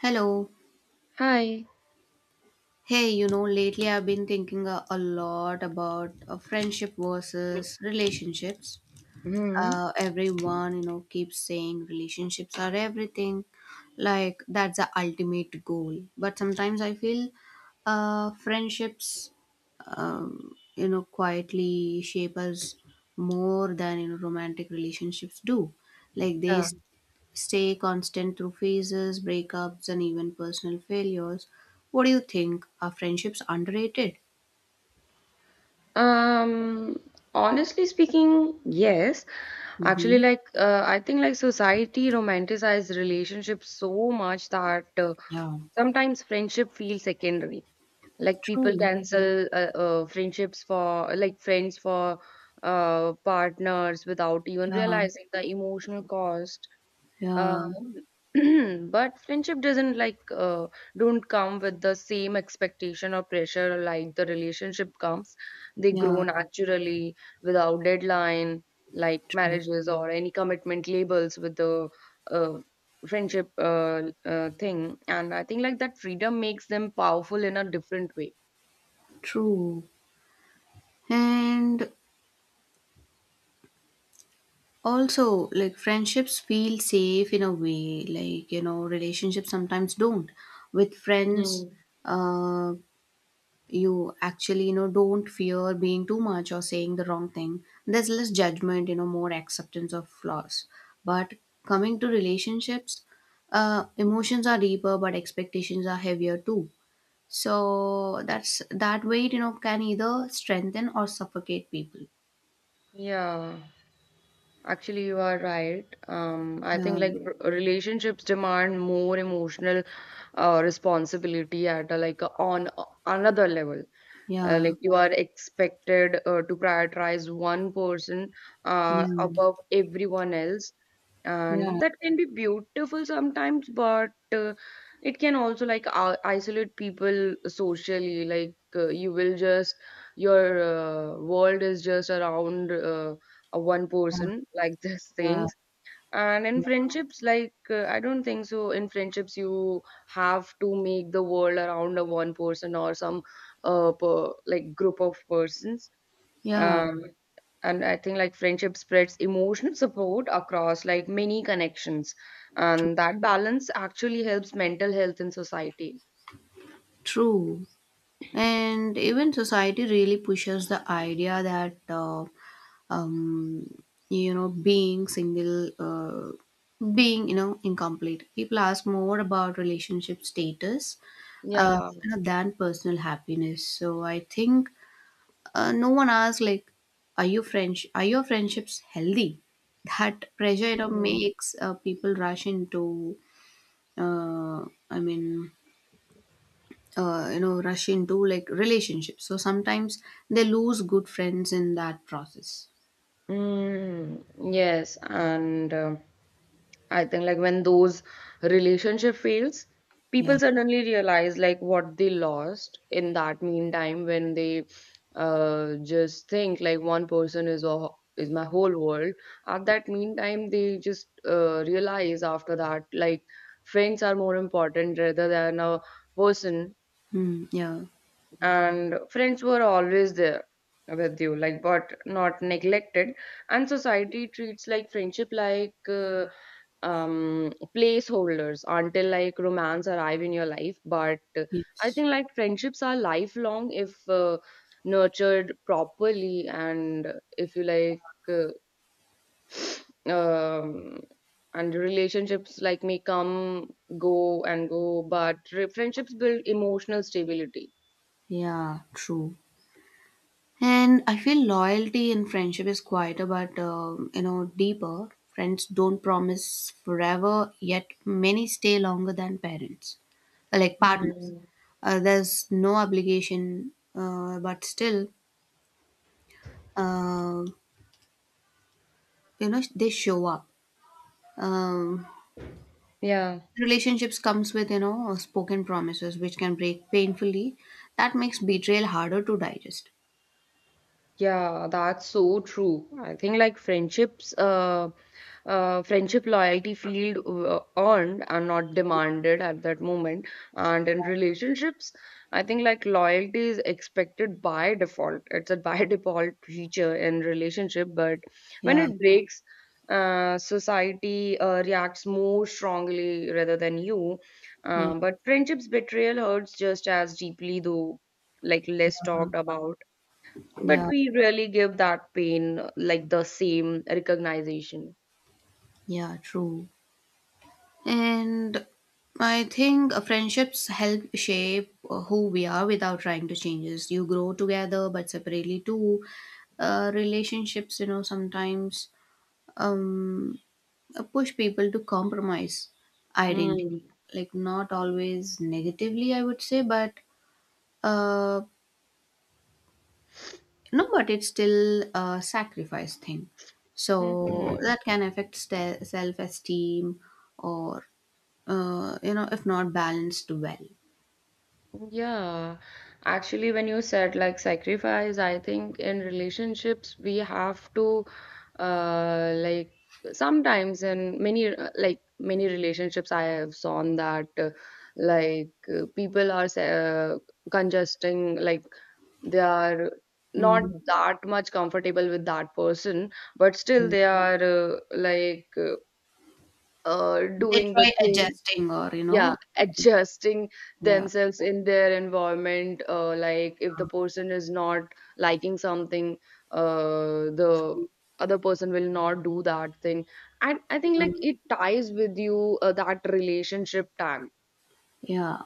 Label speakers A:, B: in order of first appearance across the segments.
A: Hello.
B: Hi.
A: Hey, you know, lately I've been thinking a lot about friendship versus relationships.
B: Hmm.
A: Everyone, you know, keeps saying relationships are everything, like that's the ultimate goal. But sometimes I feel friendships, you know, quietly shape us more than you know romantic relationships do. Like they
B: Yeah.
A: stay constant through phases, breakups, and even personal failures. What do you think? Are friendships underrated?
B: Um, Honestly speaking, yes. Actually,
A: Mm-hmm.
B: I think like society romanticizes relationships so much that
A: Yeah.
B: sometimes friendship feels secondary. Like people
A: True.
B: cancel friendships for like friends for partners without even
A: Yeah.
B: realizing the emotional cost.
A: Yeah.
B: Um, but friendship doesn't like don't come with the same expectation or pressure like the relationship comes. They grow
A: Yeah.
B: naturally without deadline, like
A: True.
B: marriages or any commitment labels with the uh, friendship thing. And I think like that freedom makes them powerful in a different way.
A: True. And also, like, friendships feel safe in a way. Like, you know, relationships sometimes don't. With friends,
B: Mm.
A: uh, you actually you know don't fear being too much or saying the wrong thing. There's less judgment, you know, more acceptance of flaws. But coming to relationships, emotions are deeper but expectations are heavier too. So that's that weight, you know, can either strengthen or suffocate people.
B: Yeah. Actually, you are right. I
A: Yeah,
B: think like relationships demand more emotional responsibility at a, like a, on another level,
A: yeah,
B: like you are expected to prioritize one person
A: yeah,
B: above everyone else,
A: yeah,
B: and that can be beautiful sometimes, but uh, it can also like isolate people socially, like you will just your world is just around one person like this
A: yeah, yeah.
B: things. And in friendships, I don't think so. In friendships, you have to make the world around a one person or some like group of persons.
A: Yeah,
B: Um, and I think like friendship spreads emotional support across like many connections.
A: tr-
B: And that balance actually helps mental health in society.
A: true. And even society really pushes the idea that um, you know, being single, being, you know, incomplete. People ask more about relationship status uh,
B: Yeah.
A: you know, than personal happiness. So I think no one asks like, are you French? Are your friendships healthy? That pressure, you know, makes people rush into, uh, I mean, you know, rush into like relationships. So sometimes they lose good friends in that process.
B: Mm, yes. And I think like when those relationship fails,
A: Yeah.
B: people suddenly realize like what they lost in that meantime when they just think like one person is all is my whole world. At that meantime, they just realize after that like friends are more important rather than a person,
A: Mm, yeah.
B: and friends were always there with you like but not neglected, and society treats like friendship like placeholders until like romance arrive in your life, but I
A: Yes.
B: think like friendships are lifelong if nurtured properly, and if you like uh, um and relationships like may come go and go, but friendships build emotional stability.
A: Yeah, true. And I feel loyalty in friendship is quieter, but you know, deeper. Friends don't promise forever, yet many stay longer than parents, like partners.
B: Mhm.
A: There's no obligation, but still, uh, you know, they show up. Um,
B: Yeah,
A: Relationships comes with you know spoken promises, which can break painfully. That makes betrayal harder to digest.
B: yeah, that's so true. I think like friendships, friendship loyalty feel earned and not demanded at that moment. And in relationships, I think like loyalty is expected by default. It's a by default feature in relationship, but when
A: Yeah,
B: it breaks, society reacts more strongly rather than you.
A: yeah,
B: But friendships betrayal hurts just as deeply, though like less talked about. But
A: yeah,
B: we really give that pain like the same recognition.
A: yeah. True. And I think friendships help shape who we are without trying to change us. You grow together, but separately too. Relationships, you know, sometimes um, push people to compromise identity.
B: Mm.
A: Like, not always negatively, I would say, but uh, no, but it's still a sacrifice thing. So
B: Mhm.
A: that can affect self esteem or, you know, if not balanced well.
B: Yeah, actually, when you said like sacrifice, I think in relationships we have to uh like sometimes in many like many relationships I have seen that like people are congesting like they are not
A: Mm,
B: that much comfortable with that person, but still
A: mm.
B: they are
A: They
B: doing the
A: try
B: thing,
A: adjusting or, you
B: yeah
A: know,
B: adjusting
A: yeah.
B: themselves in their environment, like if the
A: Yeah,
B: person is not liking something, the
A: true.
B: other person will not do that thing, and I think like
A: Um,
B: it ties with you that relationship tag.
A: yeah.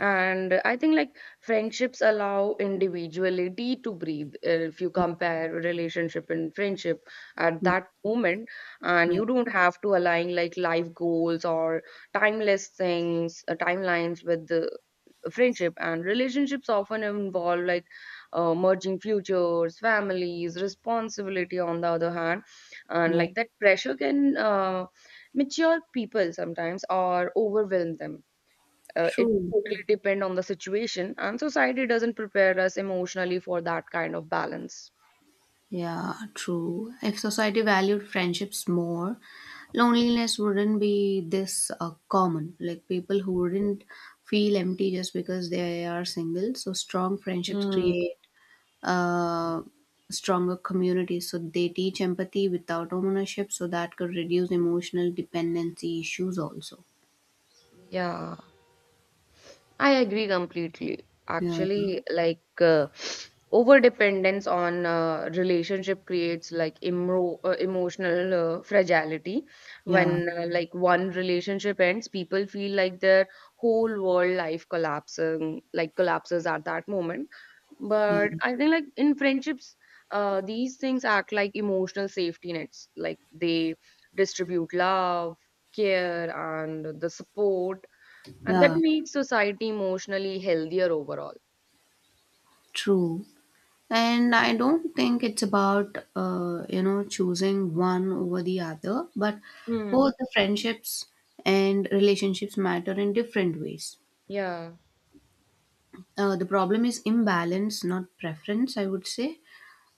B: And I think like friendships allow individuality to breathe. If you compare relationship and friendship at
A: Mhm.
B: that moment, and
A: Yeah,
B: you don't have to align like life goals or timeless things, timelines with the friendship. And relationships often involve like merging futures, families, responsibility on the other hand, and
A: yeah.
B: like that pressure can mature people sometimes or overwhelm them, it
A: True.
B: totally depend on the situation and society doesn't prepare us emotionally for that kind of balance.
A: Yeah, true. If society valued friendships more, loneliness wouldn't be this common. Like people who wouldn't feel empty just because they are single. So strong friendships
B: Hmm.
A: create uh, stronger communities. So they teach empathy without ownership. So that could reduce emotional dependency issues also.
B: Yeah, I agree completely
A: Yeah, yeah,
B: actually like over dependence on relationship creates like emotional fragility when like one relationship ends people feel like their whole world life collapsing like collapses at that moment.
A: yeah,
B: But I think like in friendships, these things act like emotional safety nets. Like they distribute love, care, and the support, and that
A: yeah,
B: makes society emotionally healthier overall.
A: true. And I don't think it's about, you know, choosing one over the other, but
B: Hmm.
A: both the friendships and relationships matter in different ways.
B: Yeah.
A: The problem is imbalance, not preference, I would say,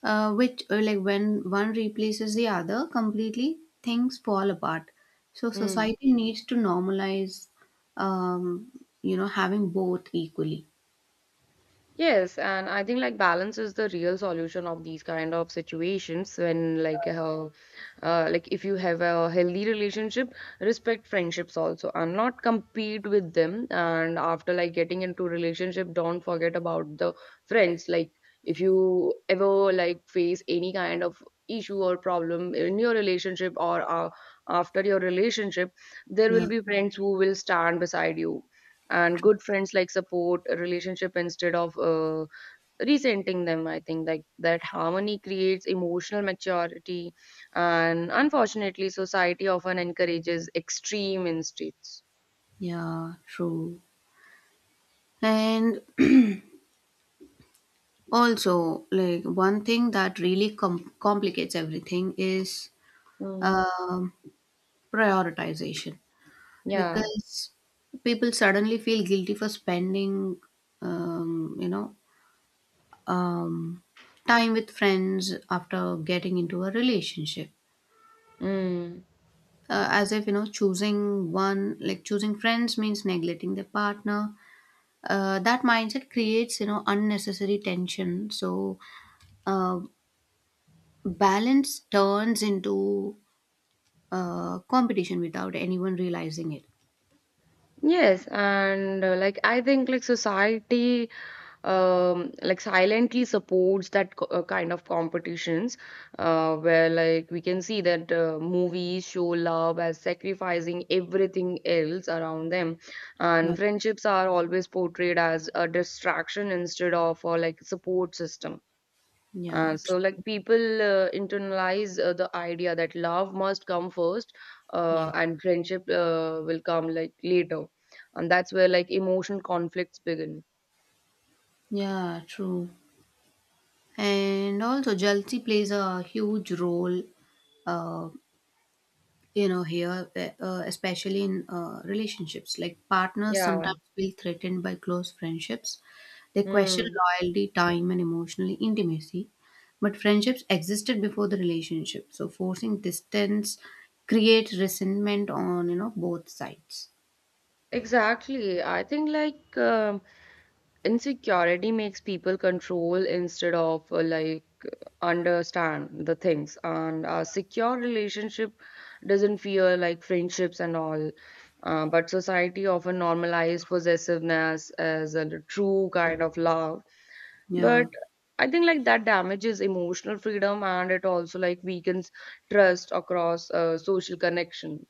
A: like, when one replaces the other completely, things fall apart. So
B: Hmm.
A: society needs to normalize, um, you know, having both equally.
B: Yes, and I think like balance is the real solution of these kind of situations when like if you have a healthy relationship, respect friendships also and not compete with them. And after like getting into relationship, don't forget about the friends. Like if you ever like face any kind of issue or problem in your relationship or after your relationship, there will
A: Yeah.
B: be friends who will stand beside you, and good friends like support a relationship instead of resenting them. I think like that harmony creates emotional maturity, and unfortunately society often encourages extreme instincts.
A: Yeah, true. And also, like one thing that really complicates everything is
B: Mm.
A: um, prioritization
B: Yeah
A: because people suddenly feel guilty for spending, um, you know, um, time with friends after getting into a relationship.
B: mm.
A: As if, you know, choosing one, like choosing friends means neglecting the partner. That mindset creates, you know, unnecessary tension. So, uh, balance turns into competition without anyone realizing it.
B: Yes, and like I think like society like silently supports that kind of competitions where like we can see that movies show love as sacrificing everything else around them, and
A: Yeah.
B: friendships are always portrayed as a distraction instead of like support system.
A: Yeah,
B: So, like
A: true.
B: people internalize the idea that love must come first,
A: Yes.
B: and friendship will come like later, and that's where like emotional conflicts begin.
A: Yeah, true. And also, jealousy plays a huge role uh, you know here, especially in relationships. Like partners
B: Yeah.
A: sometimes feel threatened by close friendships. They question
B: Hmm.
A: loyalty, time, and emotional intimacy. But friendships existed before the relationship, so forcing distance creates resentment on, you know, both sides.
B: Exactly. I think like insecurity makes people control instead of like understand the things. And a secure relationship doesn't fear like friendships and all. But society often normalizes possessiveness as a true kind of love.
A: Yeah.
B: But I think like that damages emotional freedom and it also like weakens trust across social connection.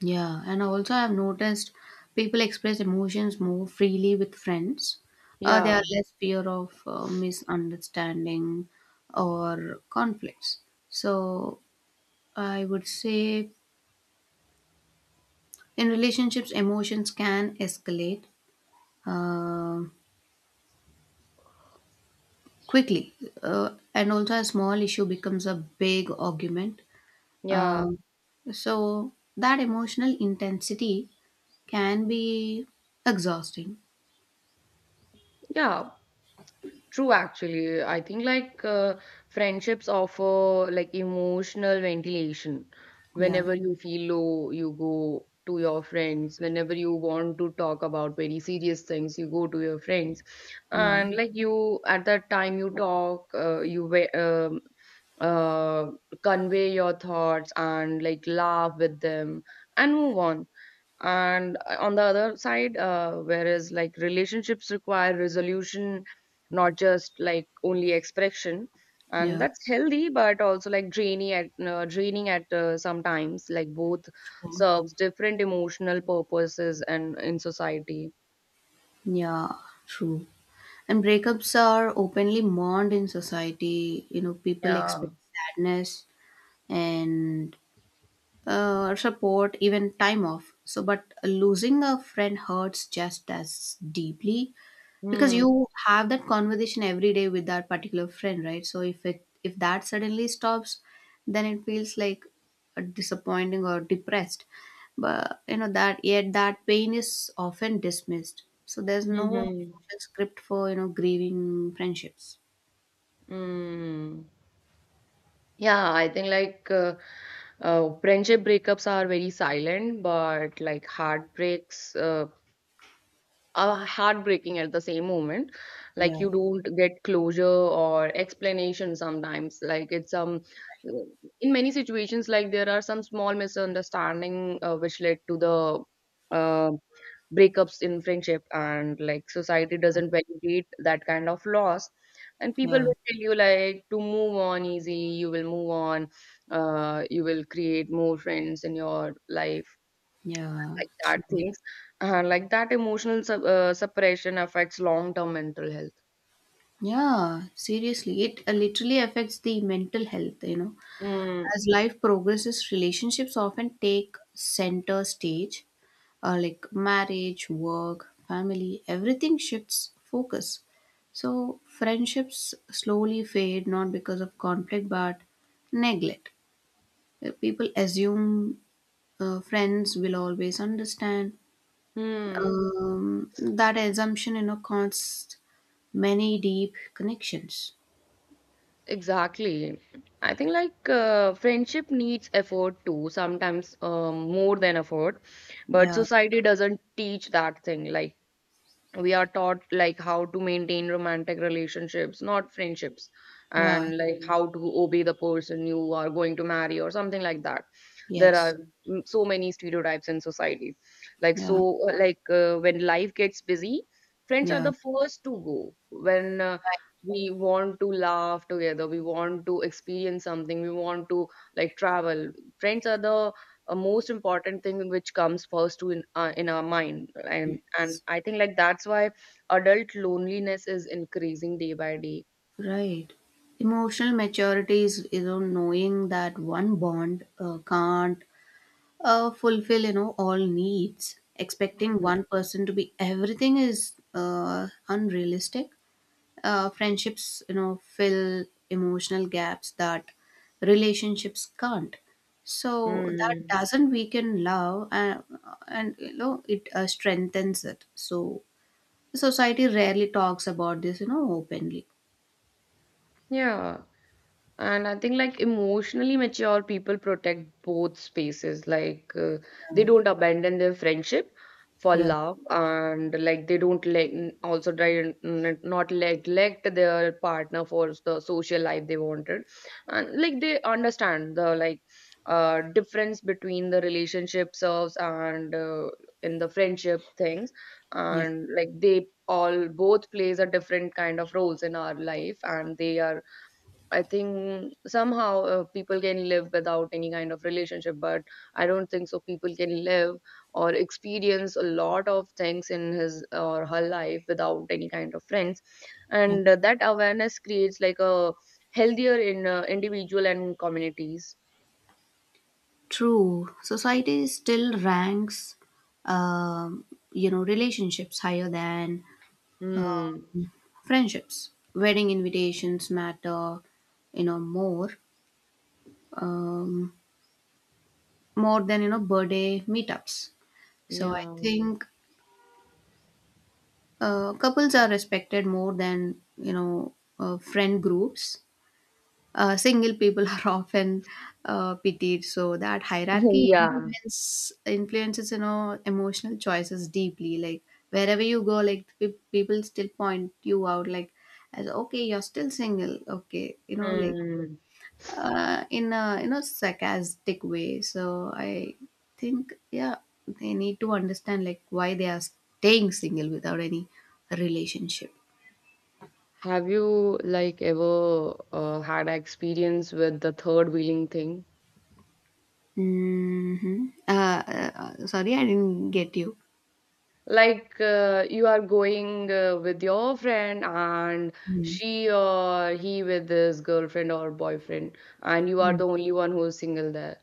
A: Yeah, and also I've noticed people express emotions more freely with friends. They are
B: Yeah,
A: less fear of misunderstanding or conflicts. So I would say in relationships, emotions can escalate uh, quickly, and also a small issue becomes a big argument.
B: yeah,
A: Uh, so that emotional intensity can be exhausting.
B: yeah. True, actually. I think like friendships offer like emotional ventilation.
A: Yeah,
B: Whenever you feel low, you go to your friends. Whenever you want to talk about very serious things, you go to your friends.
A: yeah.
B: And like you, at that time, you uh, convey your thoughts and like laugh with them and move on. And on the other side, whereas like relationships require resolution, not just like only expression, and
A: Yeah,
B: that's healthy but also like draining at sometimes like both
A: true.
B: serves different emotional purposes and in society.
A: Yeah, true. And breakups are openly mourned in society. You know, people
B: Yeah
A: expect sadness and support, even time off. So, but losing a friend hurts just as deeply, because
B: hmm.
A: you have that conversation every day with that particular friend, right? So if that suddenly stops, then it feels like a disappointing or depressed. But you know that, yet that pain is often dismissed. So there's no
B: Mm-hmm.
A: official script for, you know, grieving friendships.
B: Hmm mm. Yeah I think like friendship breakups are very silent but like heartbreaks heartbreaking at the same moment, like
A: Yeah.
B: you don't get closure or explanation sometimes, like it's in many situations like there are some small misunderstanding which led to the uh, breakups in friendship, and like society doesn't validate that kind of loss, and people
A: Yeah.
B: will tell you like to move on easily you will move on, you will create more friends in your life
A: Yeah,
B: like that
A: true.
B: things, like that emotional sup suppression affects long-term mental health.
A: Yeah, seriously, it literally affects the mental health, you know.
B: Mm,
A: As life progresses, relationships often take center stage, like marriage, work, family, everything shifts focus. So friendships slowly fade, not because of conflict but neglect. People assume friends will always understand.
B: mm,
A: That assumption, you know, caused many deep connections.
B: exactly. I think like friendship needs effort too sometimes, more than effort, but
A: Yeah,
B: society doesn't teach that thing. Like we are taught like how to maintain romantic relationships, not friendships,
A: yeah,
B: and like how to obey the person you are going to marry or something like that. There
A: yes,
B: are so many stereotypes in society like so
A: yeah,
B: like when life gets busy friends are
A: yeah,
B: the first to go. When we want to laugh together, we want to experience something, we want to like travel, friends are the a most important thing which comes first to in our mind.
A: right.
B: And I think like that's why adult loneliness is increasing day by day.
A: Right. Emotional maturity is, you know, knowing that one bond can't fulfill, you know, all needs. Expecting
B: Mhm.
A: one person to be everything is unrealistic. Friendships, you know, fill emotional gaps that relationships can't. So that
B: Mm.
A: doesn't weaken love and you know it strengthens it. So society rarely talks about this, you know, openly.
B: Yeah. And I think like emotionally mature people protect both spaces. Like they
A: Yeah,
B: don't abandon their friendship for
A: yeah,
B: love, and like they don't like also try and not neglect their partner for the social life they wanted, and like they understand the like difference between the relationship serves and in the friendship things,
A: yeah,
B: and like they all both plays a different kind of roles in our life, and they are, I think somehow people can live without any kind of relationship, but I don't think so. People can live or experience a lot of things in his or her life without any kind of friends,
A: yeah.
B: and that awareness creates like a healthier in individual and communities.
A: True, society still ranks, um, you know, relationships higher than
B: Hmm.
A: friendships. Wedding invitations matter, you know, more, um, more than you know birthday meetups. So I
B: Yeah.
A: think couples are respected more than, you know, friend groups. Single people are often pitied. So that hierarchy
B: Yeah.
A: influences, you know, emotional choices deeply. Like wherever you go, like people still point you out like, as okay, you're still single, okay, you know, like
B: Hmm.
A: in a, you know, sarcastic way. So I think, yeah, they need to understand like why they are staying single without any relationship.
B: Have you like ever had an experience with the third wheeling thing?
A: Hmm. Uh, Sorry, I didn't get
B: Like you are going with your friend and
A: you.
B: she or he with his girlfriend or boyfriend, and you are
A: Mm.
B: the only one who is single there.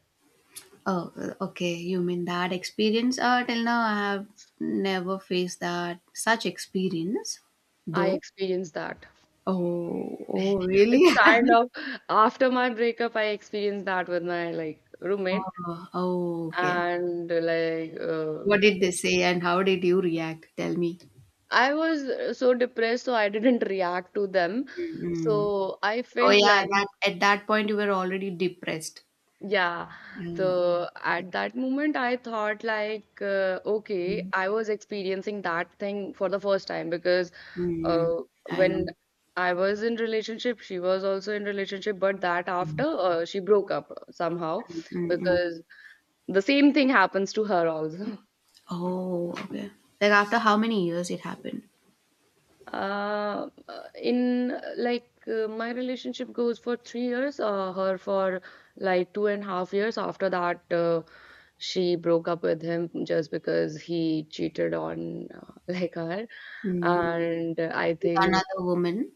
A: Oh, okay. You mean that experience? Till now, I have never faced that such experience,
B: I
A: though.
B: experienced that.
A: Oh, oh, really?
B: It's kind of after my breakup, I experienced that with my like roommate,
A: Oh, oh, okay.
B: and like
A: What did they say, and how did you react? Tell me.
B: I was so depressed, so I didn't react to them.
A: Mm-hmm.
B: So I
A: Oh,
B: felt
A: yeah.
B: like,
A: That at that point, you were already depressed.
B: yeah, Mm.
A: Uh,
B: The
A: okay.
B: at that moment I thought like okay,
A: Mm,
B: I was experiencing that thing for the first time because
A: mm,
B: uh,
A: I
B: when
A: know.
B: I was in relationship, she was also in relationship, but that after
A: Mm,
B: she broke up somehow
A: mm, mm.
B: because the same thing happens to her also.
A: Oh, okay. Like after how many years it happened?
B: Uh, in my relationship goes for 3 years, her for like 2.5 years. After that, she broke up with him just because he cheated on like her,
A: Mm.
B: and I
A: With
B: think.
A: another woman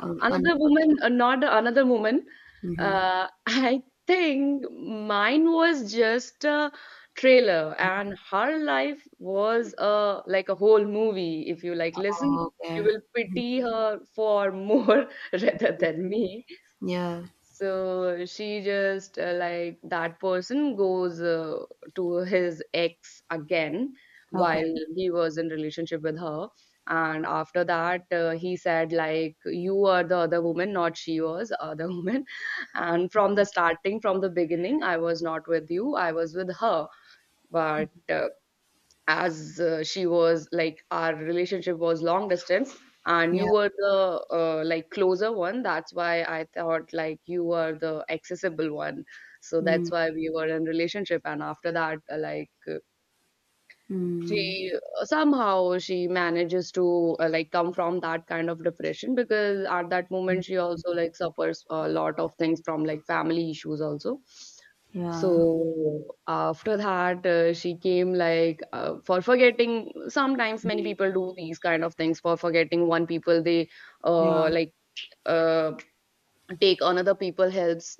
A: or
B: Another
A: another.
B: woman, not another woman.
A: Mhm.
B: I think mine was just a trailer, and her life was a like a whole movie. If you like listen,
A: Oh,
B: you
A: okay.
B: will pity her for more rather than me.
A: Yeah.
B: So she just like that person goes to his ex again
A: Okay.
B: while he was in relationship with her. And after that, he said like, "You are the other woman, not she was other woman." And from the starting, from the beginning, I was not with you. I was with her. But as she was like our relationship was long distance, and you
A: Yeah.
B: were the like closer one. That's why I thought like you were the accessible one, so
A: Mm.
B: that's why we were in relationship. And after that like
A: Mm.
B: she somehow she manages to like come from that kind of depression, because at that moment she also like suffers a lot of things from like family issues also.
A: Yeah.
B: So after that she came like for forgetting. Sometimes many
A: Mm.
B: people do these kind of things for forgetting one people. They
A: Yeah.
B: uh, like uh, take another people helps.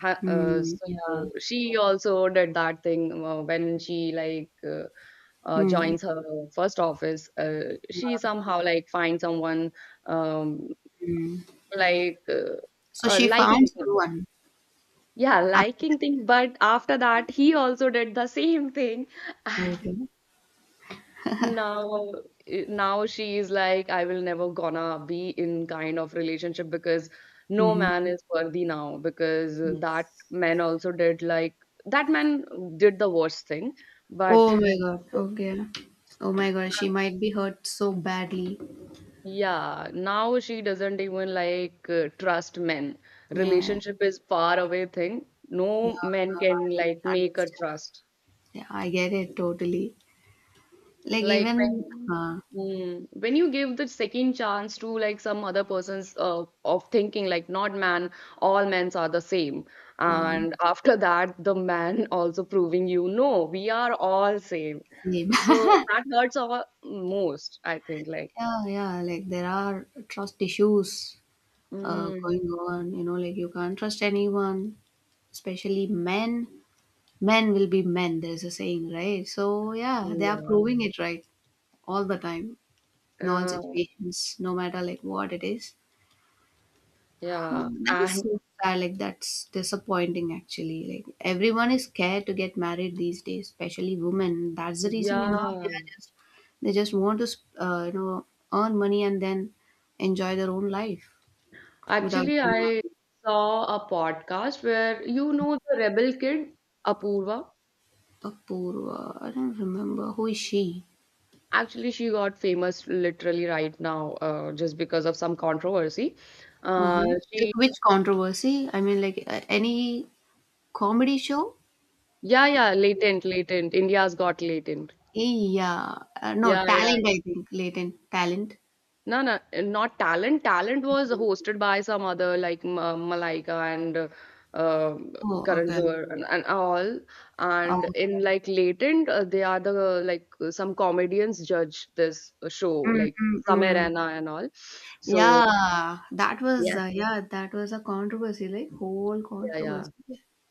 A: Mm. Yeah.
B: So she also did that thing when she
A: Mm.
B: joins her first office,
A: Yeah.
B: she somehow like finds someone um,
A: Mm.
B: like uh,
A: So she found
B: liking him.
A: someone
B: Yeah,
A: after
B: liking
A: that.
B: thing. But after that, he also did the same thing.
A: Okay.
B: Now, now she is like, I will never gonna be in kind of relationship because no
A: Mm-hmm.
B: man is worthy now, because that
A: Yes.
B: man also did like that man did the worst thing. But
A: Oh my God. Okay. Oh my God. She might be hurt so badly.
B: yeah, now she doesn't even like trust men.
A: Yeah.
B: Relationship is far away thing.
A: Yeah.
B: No man can
A: I
B: like make her
A: understand.
B: trust.
A: Yeah. I get it totally. Like
B: Like
A: even.
B: when
A: Uh,
B: when you give the second chance to like some other person's of thinking like not man, all men's are the same.
A: yeah.
B: And after that, the man also proving you no, we are all same.
A: Same.
B: So that hurts our most, I think.
A: Yeah, yeah, like there are trust issues
B: Mm,
A: going on, you know, like you can't trust anyone, especially men. Men will be men, there's a saying, right? So, yeah, they are
B: yeah.
A: proving it right all the time in all
B: uh,
A: situations, no matter like what it is.
B: Yeah,
A: That is so
B: and
A: sad, like that's disappointing actually. Like everyone is scared to get married these days, especially women. That's the reason, you know, they
B: yeah,
A: are just they just want to, you know, earn money and then enjoy their own life. Without
B: Actually,
A: Getting
B: I
A: Married.
B: saw a podcast where you know the rebel kid, Apoorva.
A: Apoorva, I don't remember. Who is she?
B: Actually, she got famous literally right now, just because of some controversy. Uh,
A: Uh-huh. Like
B: she,
A: which controversy? I mean, like any comedy show?
B: yeah, yeah, latent, latent. India's got latent.
A: Yeah. No,
B: Yeah, yeah.
A: talent, I think. Latent talent.
B: No, no, not talent. Talent was hosted by some other like Malaika and um,
A: Oh,
B: Karan
A: okay.
B: Johar and all.
A: Oh,
B: And in
A: okay.
B: like Latent, they are the like some comedians judge this show,
A: Mm,
B: like
A: mm,
B: Samir
A: mm.
B: Raina and all. So yes,
A: Yeah, that was a controversy, like whole
B: yeah, yeah.
A: controversy.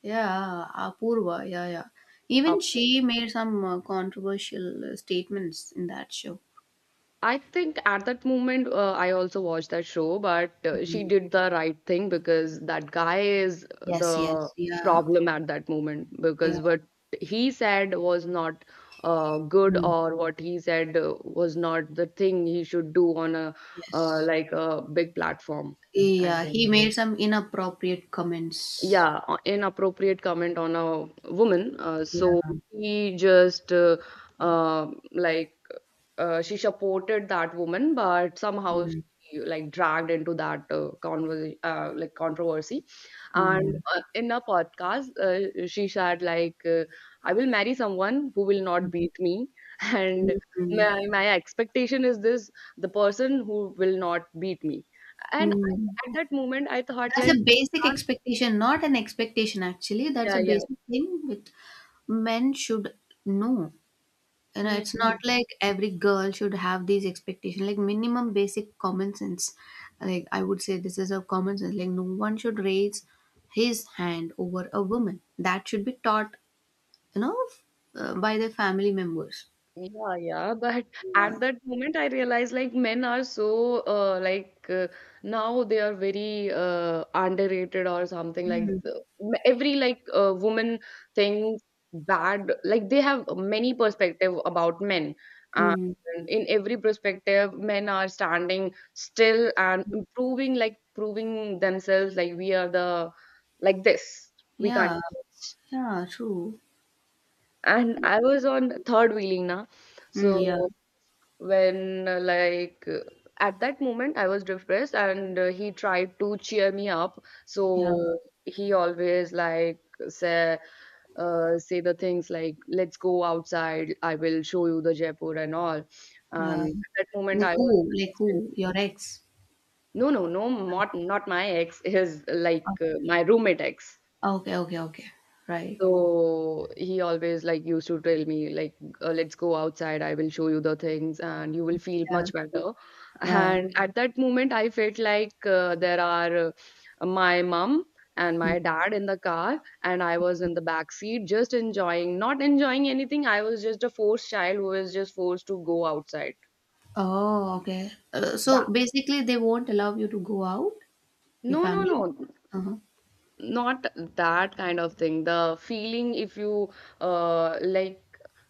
A: Yeah, Apurva, yeah, yeah. Even
B: Up.
A: she made some controversial statements in that show.
B: I think at that moment, I also watched that show, but she
A: Mm.
B: did the right thing because that guy is
A: Yes,
B: the
A: yes, yeah.
B: problem at that moment,
A: Yeah.
B: because what he said was not good,
A: Mm.
B: or what he said was not the thing he should do on a
A: Yes.
B: like a big platform. I
A: Yeah,
B: think,
A: he made some inappropriate comments.
B: yeah, inappropriate comment on a woman.
A: Yeah.
B: So he just like she supported that woman, but somehow
A: Mm.
B: she like dragged into that conversation, like controversy. And
A: Mm.
B: in a podcast, she said like, "I will marry someone who will not beat me," and
A: Mm.
B: my expectation is this: the person who will not beat me. And
A: Mm.
B: at that moment, I thought
A: That's
B: like,
A: a basic expectation, not an expectation actually. That's a
B: yeah, yeah.
A: basic thing which men should know. You know, it's not
B: hmm,
A: like every girl should have these expectations, like minimum basic common sense. Like I would say this is a common sense. Like no one should raise his hand over a woman. That should be taught, you know, by their family members.
B: Yeah, but
A: Yeah.
B: at that moment I realized like men are so now they are very underrated or something
A: Mm.
B: like every like woman thinks bad, like they have many perspective about men. And
A: Mm.
B: in every perspective men are standing still and improving, like proving themselves, like we are the like this, we can't
A: Yeah.
B: change.
A: Yeah. True.
B: And I was on third wheeling now,
A: Mm, yeah.
B: so when at that moment I was depressed and he tried to cheer me up.
A: Yeah.
B: So he always like say say the things like let's go outside, I will show you the Jaipur and all.
A: Yeah.
B: And at that moment
A: Like
B: I was
A: who? Like
B: protesting.
A: who? Your ex?
B: No, no, no, not my ex, his like my roommate ex.
A: Oh, okay. Okay. Okay. Right.
B: So he always like used to tell me like, "Let's go outside. I will show you the things, and you will feel
A: Yeah.
B: much better."
A: Yeah.
B: And at that moment, I felt like there are my mom and
A: Mm.
B: my dad in the car, and I was in the back seat, just enjoying, not enjoying anything. I was just a forced child who was just forced to go outside.
A: Oh. Okay. So
B: That
A: basically, they won't allow you to go out. Your
B: No, no,
A: family.
B: no.
A: Uh huh.
B: Not that kind of thing. The feeling if you uh like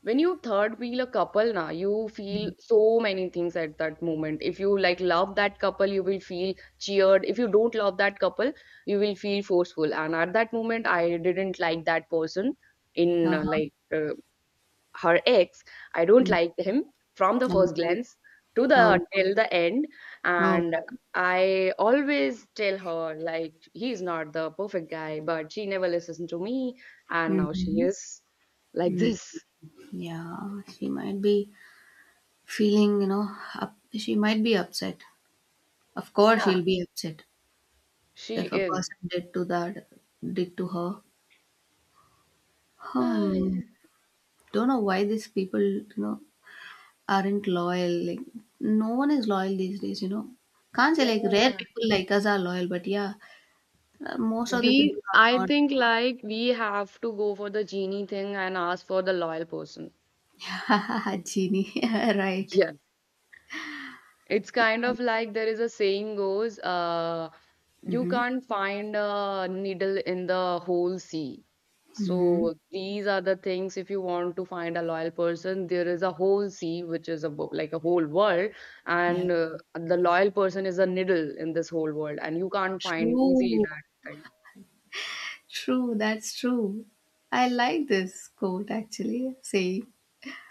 B: when you third wheel a couple na, you feel
A: Mm.
B: so many things at that moment. If you like love that couple you will feel cheered, if you don't love that couple you will feel forceful. And at that moment I didn't like that person, in
A: Uh huh.
B: her ex, I don't
A: Mm.
B: like him from the first
A: Okay.
B: glance to the
A: Oh.
B: till the end. And
A: Okay.
B: I always tell her like he's not the perfect guy, but she never listens to me, and now she
A: Mm-hmm.
B: is like
A: Mm.
B: this.
A: Yeah. She might be. Feeling, you know, up, she might be upset. Of course,
B: Yeah,
A: she'll be upset
B: she
A: if a
B: is.
A: person did to that, did to her. Hmm.
B: Yeah,
A: Don't know why these people, you know, aren't loyal. Like, no one is loyal these days. You know, can't say like rare people like us are loyal, but yeah, most of
B: we
A: the people
B: I
A: are
B: think like we have to go for the genie thing and ask for the loyal person.
A: not. Genie, right?
B: It's kind of like there is a saying goes, you
A: Mm-hmm.
B: can't find a needle in the whole sea.
A: Mm-hmm.
B: So these are the things, if you want to find a loyal person, there is a whole sea, which is a like a whole world,
A: Yeah.
B: and the loyal person is a needle in this whole world, and you can't find easily
A: True.
B: that thing.
A: True. That's true. I like this quote actually saying.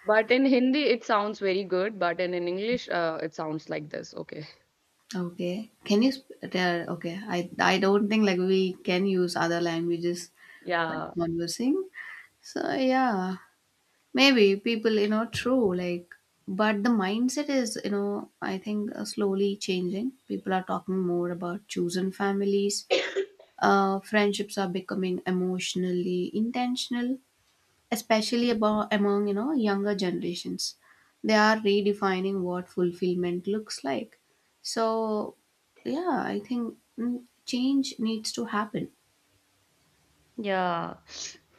B: But in Hindi, it sounds very good, but in English, it sounds like this. Okay.
A: Okay. Can you tell? Okay, I don't think like we can use other languages while
B: Yeah.
A: conversing. So yeah, maybe people you know true like, but the mindset is you know I think slowly changing. People are talking more about chosen families. Friendships are becoming emotionally intentional, especially about among, you know, younger generations. They are redefining what fulfillment looks like. So yeah, I think, mm, change needs to happen.
B: Yeah.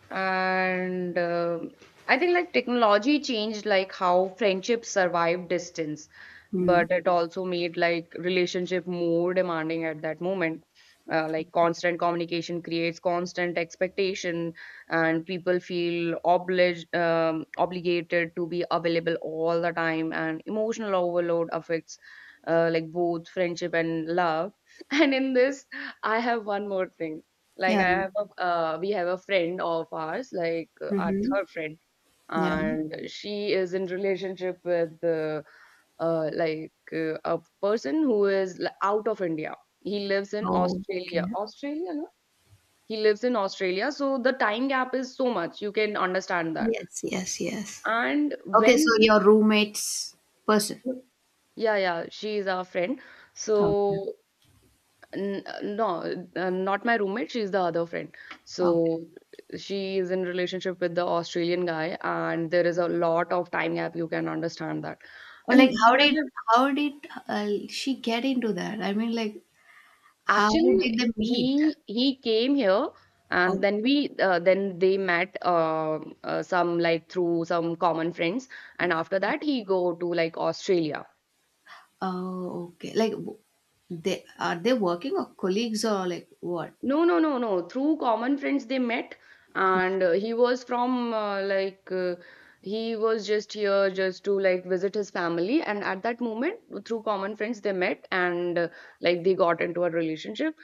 B: And I think like technology changed like how friendships survive distance,
A: Mm.
B: but it also made like relationship more demanding at that moment. Like constant communication creates constant expectation, and people feel obliged obligated to be available all the time. And emotional overload affects like both friendship and love. And in this, I have one more thing. Like
A: Yeah.
B: I have a we have a friend of ours, like our
A: Mm-hmm.
B: third friend,
A: Yeah.
B: and she is in relationship with a person who is out of India. He lives in Australia.
A: Okay.
B: Australia, no? He lives in Australia, so the time gap is so much. You can understand that.
A: Yes, yes, yes.
B: And
A: Okay, so
B: when,
A: your roommate's person.
B: yeah, yeah, she is our friend.
A: Okay.
B: So N no, not my roommate, she's the other friend.
A: Okay.
B: So she is in relationship with the Australian guy, and there is a lot of time gap. You can understand that.
A: Or
B: And
A: like how
B: we
A: did
B: never
A: how did uh, she get into that? I mean like how did
B: actually
A: they meet?
B: he came here, and then we then they met some like through some common friends, and after that he go to like Australia.
A: Oh, okay. Like they are they working or colleagues or like what?
B: No, no, no, no. Through common friends they met, and he was from he was just here just to like visit his family. And at that moment, through common friends they met, and like they got into a relationship.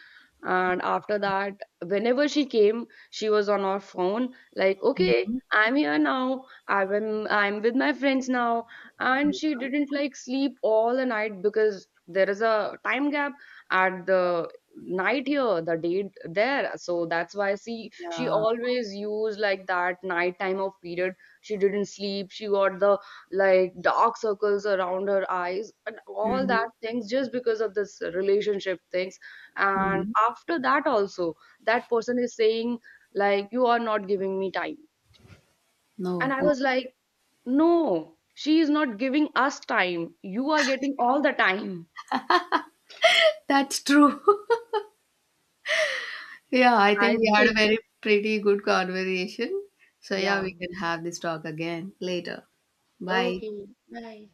B: And after that, whenever she came, she was on her phone, like, okay,
A: Mhm.
B: I'm here now. I'm with my friends now, and she didn't like sleep all the night, because there is a time gap. At the night here, the day there, so that's why see she
A: Yeah.
B: always used like that night time of period, she didn't sleep, she got the like dark circles around her eyes and all
A: Mhm.
B: that things, just because of this relationship things. And
A: Mhm.
B: after that also that person is saying like you are not giving me time, and
A: No.
B: I
A: Oh,
B: was like, no she is not giving us time, you are getting all the time.
A: that's true. Yeah, I
B: I
A: think we had a
B: think
A: very pretty good conversation. So yeah,
B: yeah.
A: we can have this talk again later. Bye.
B: Okay, bye.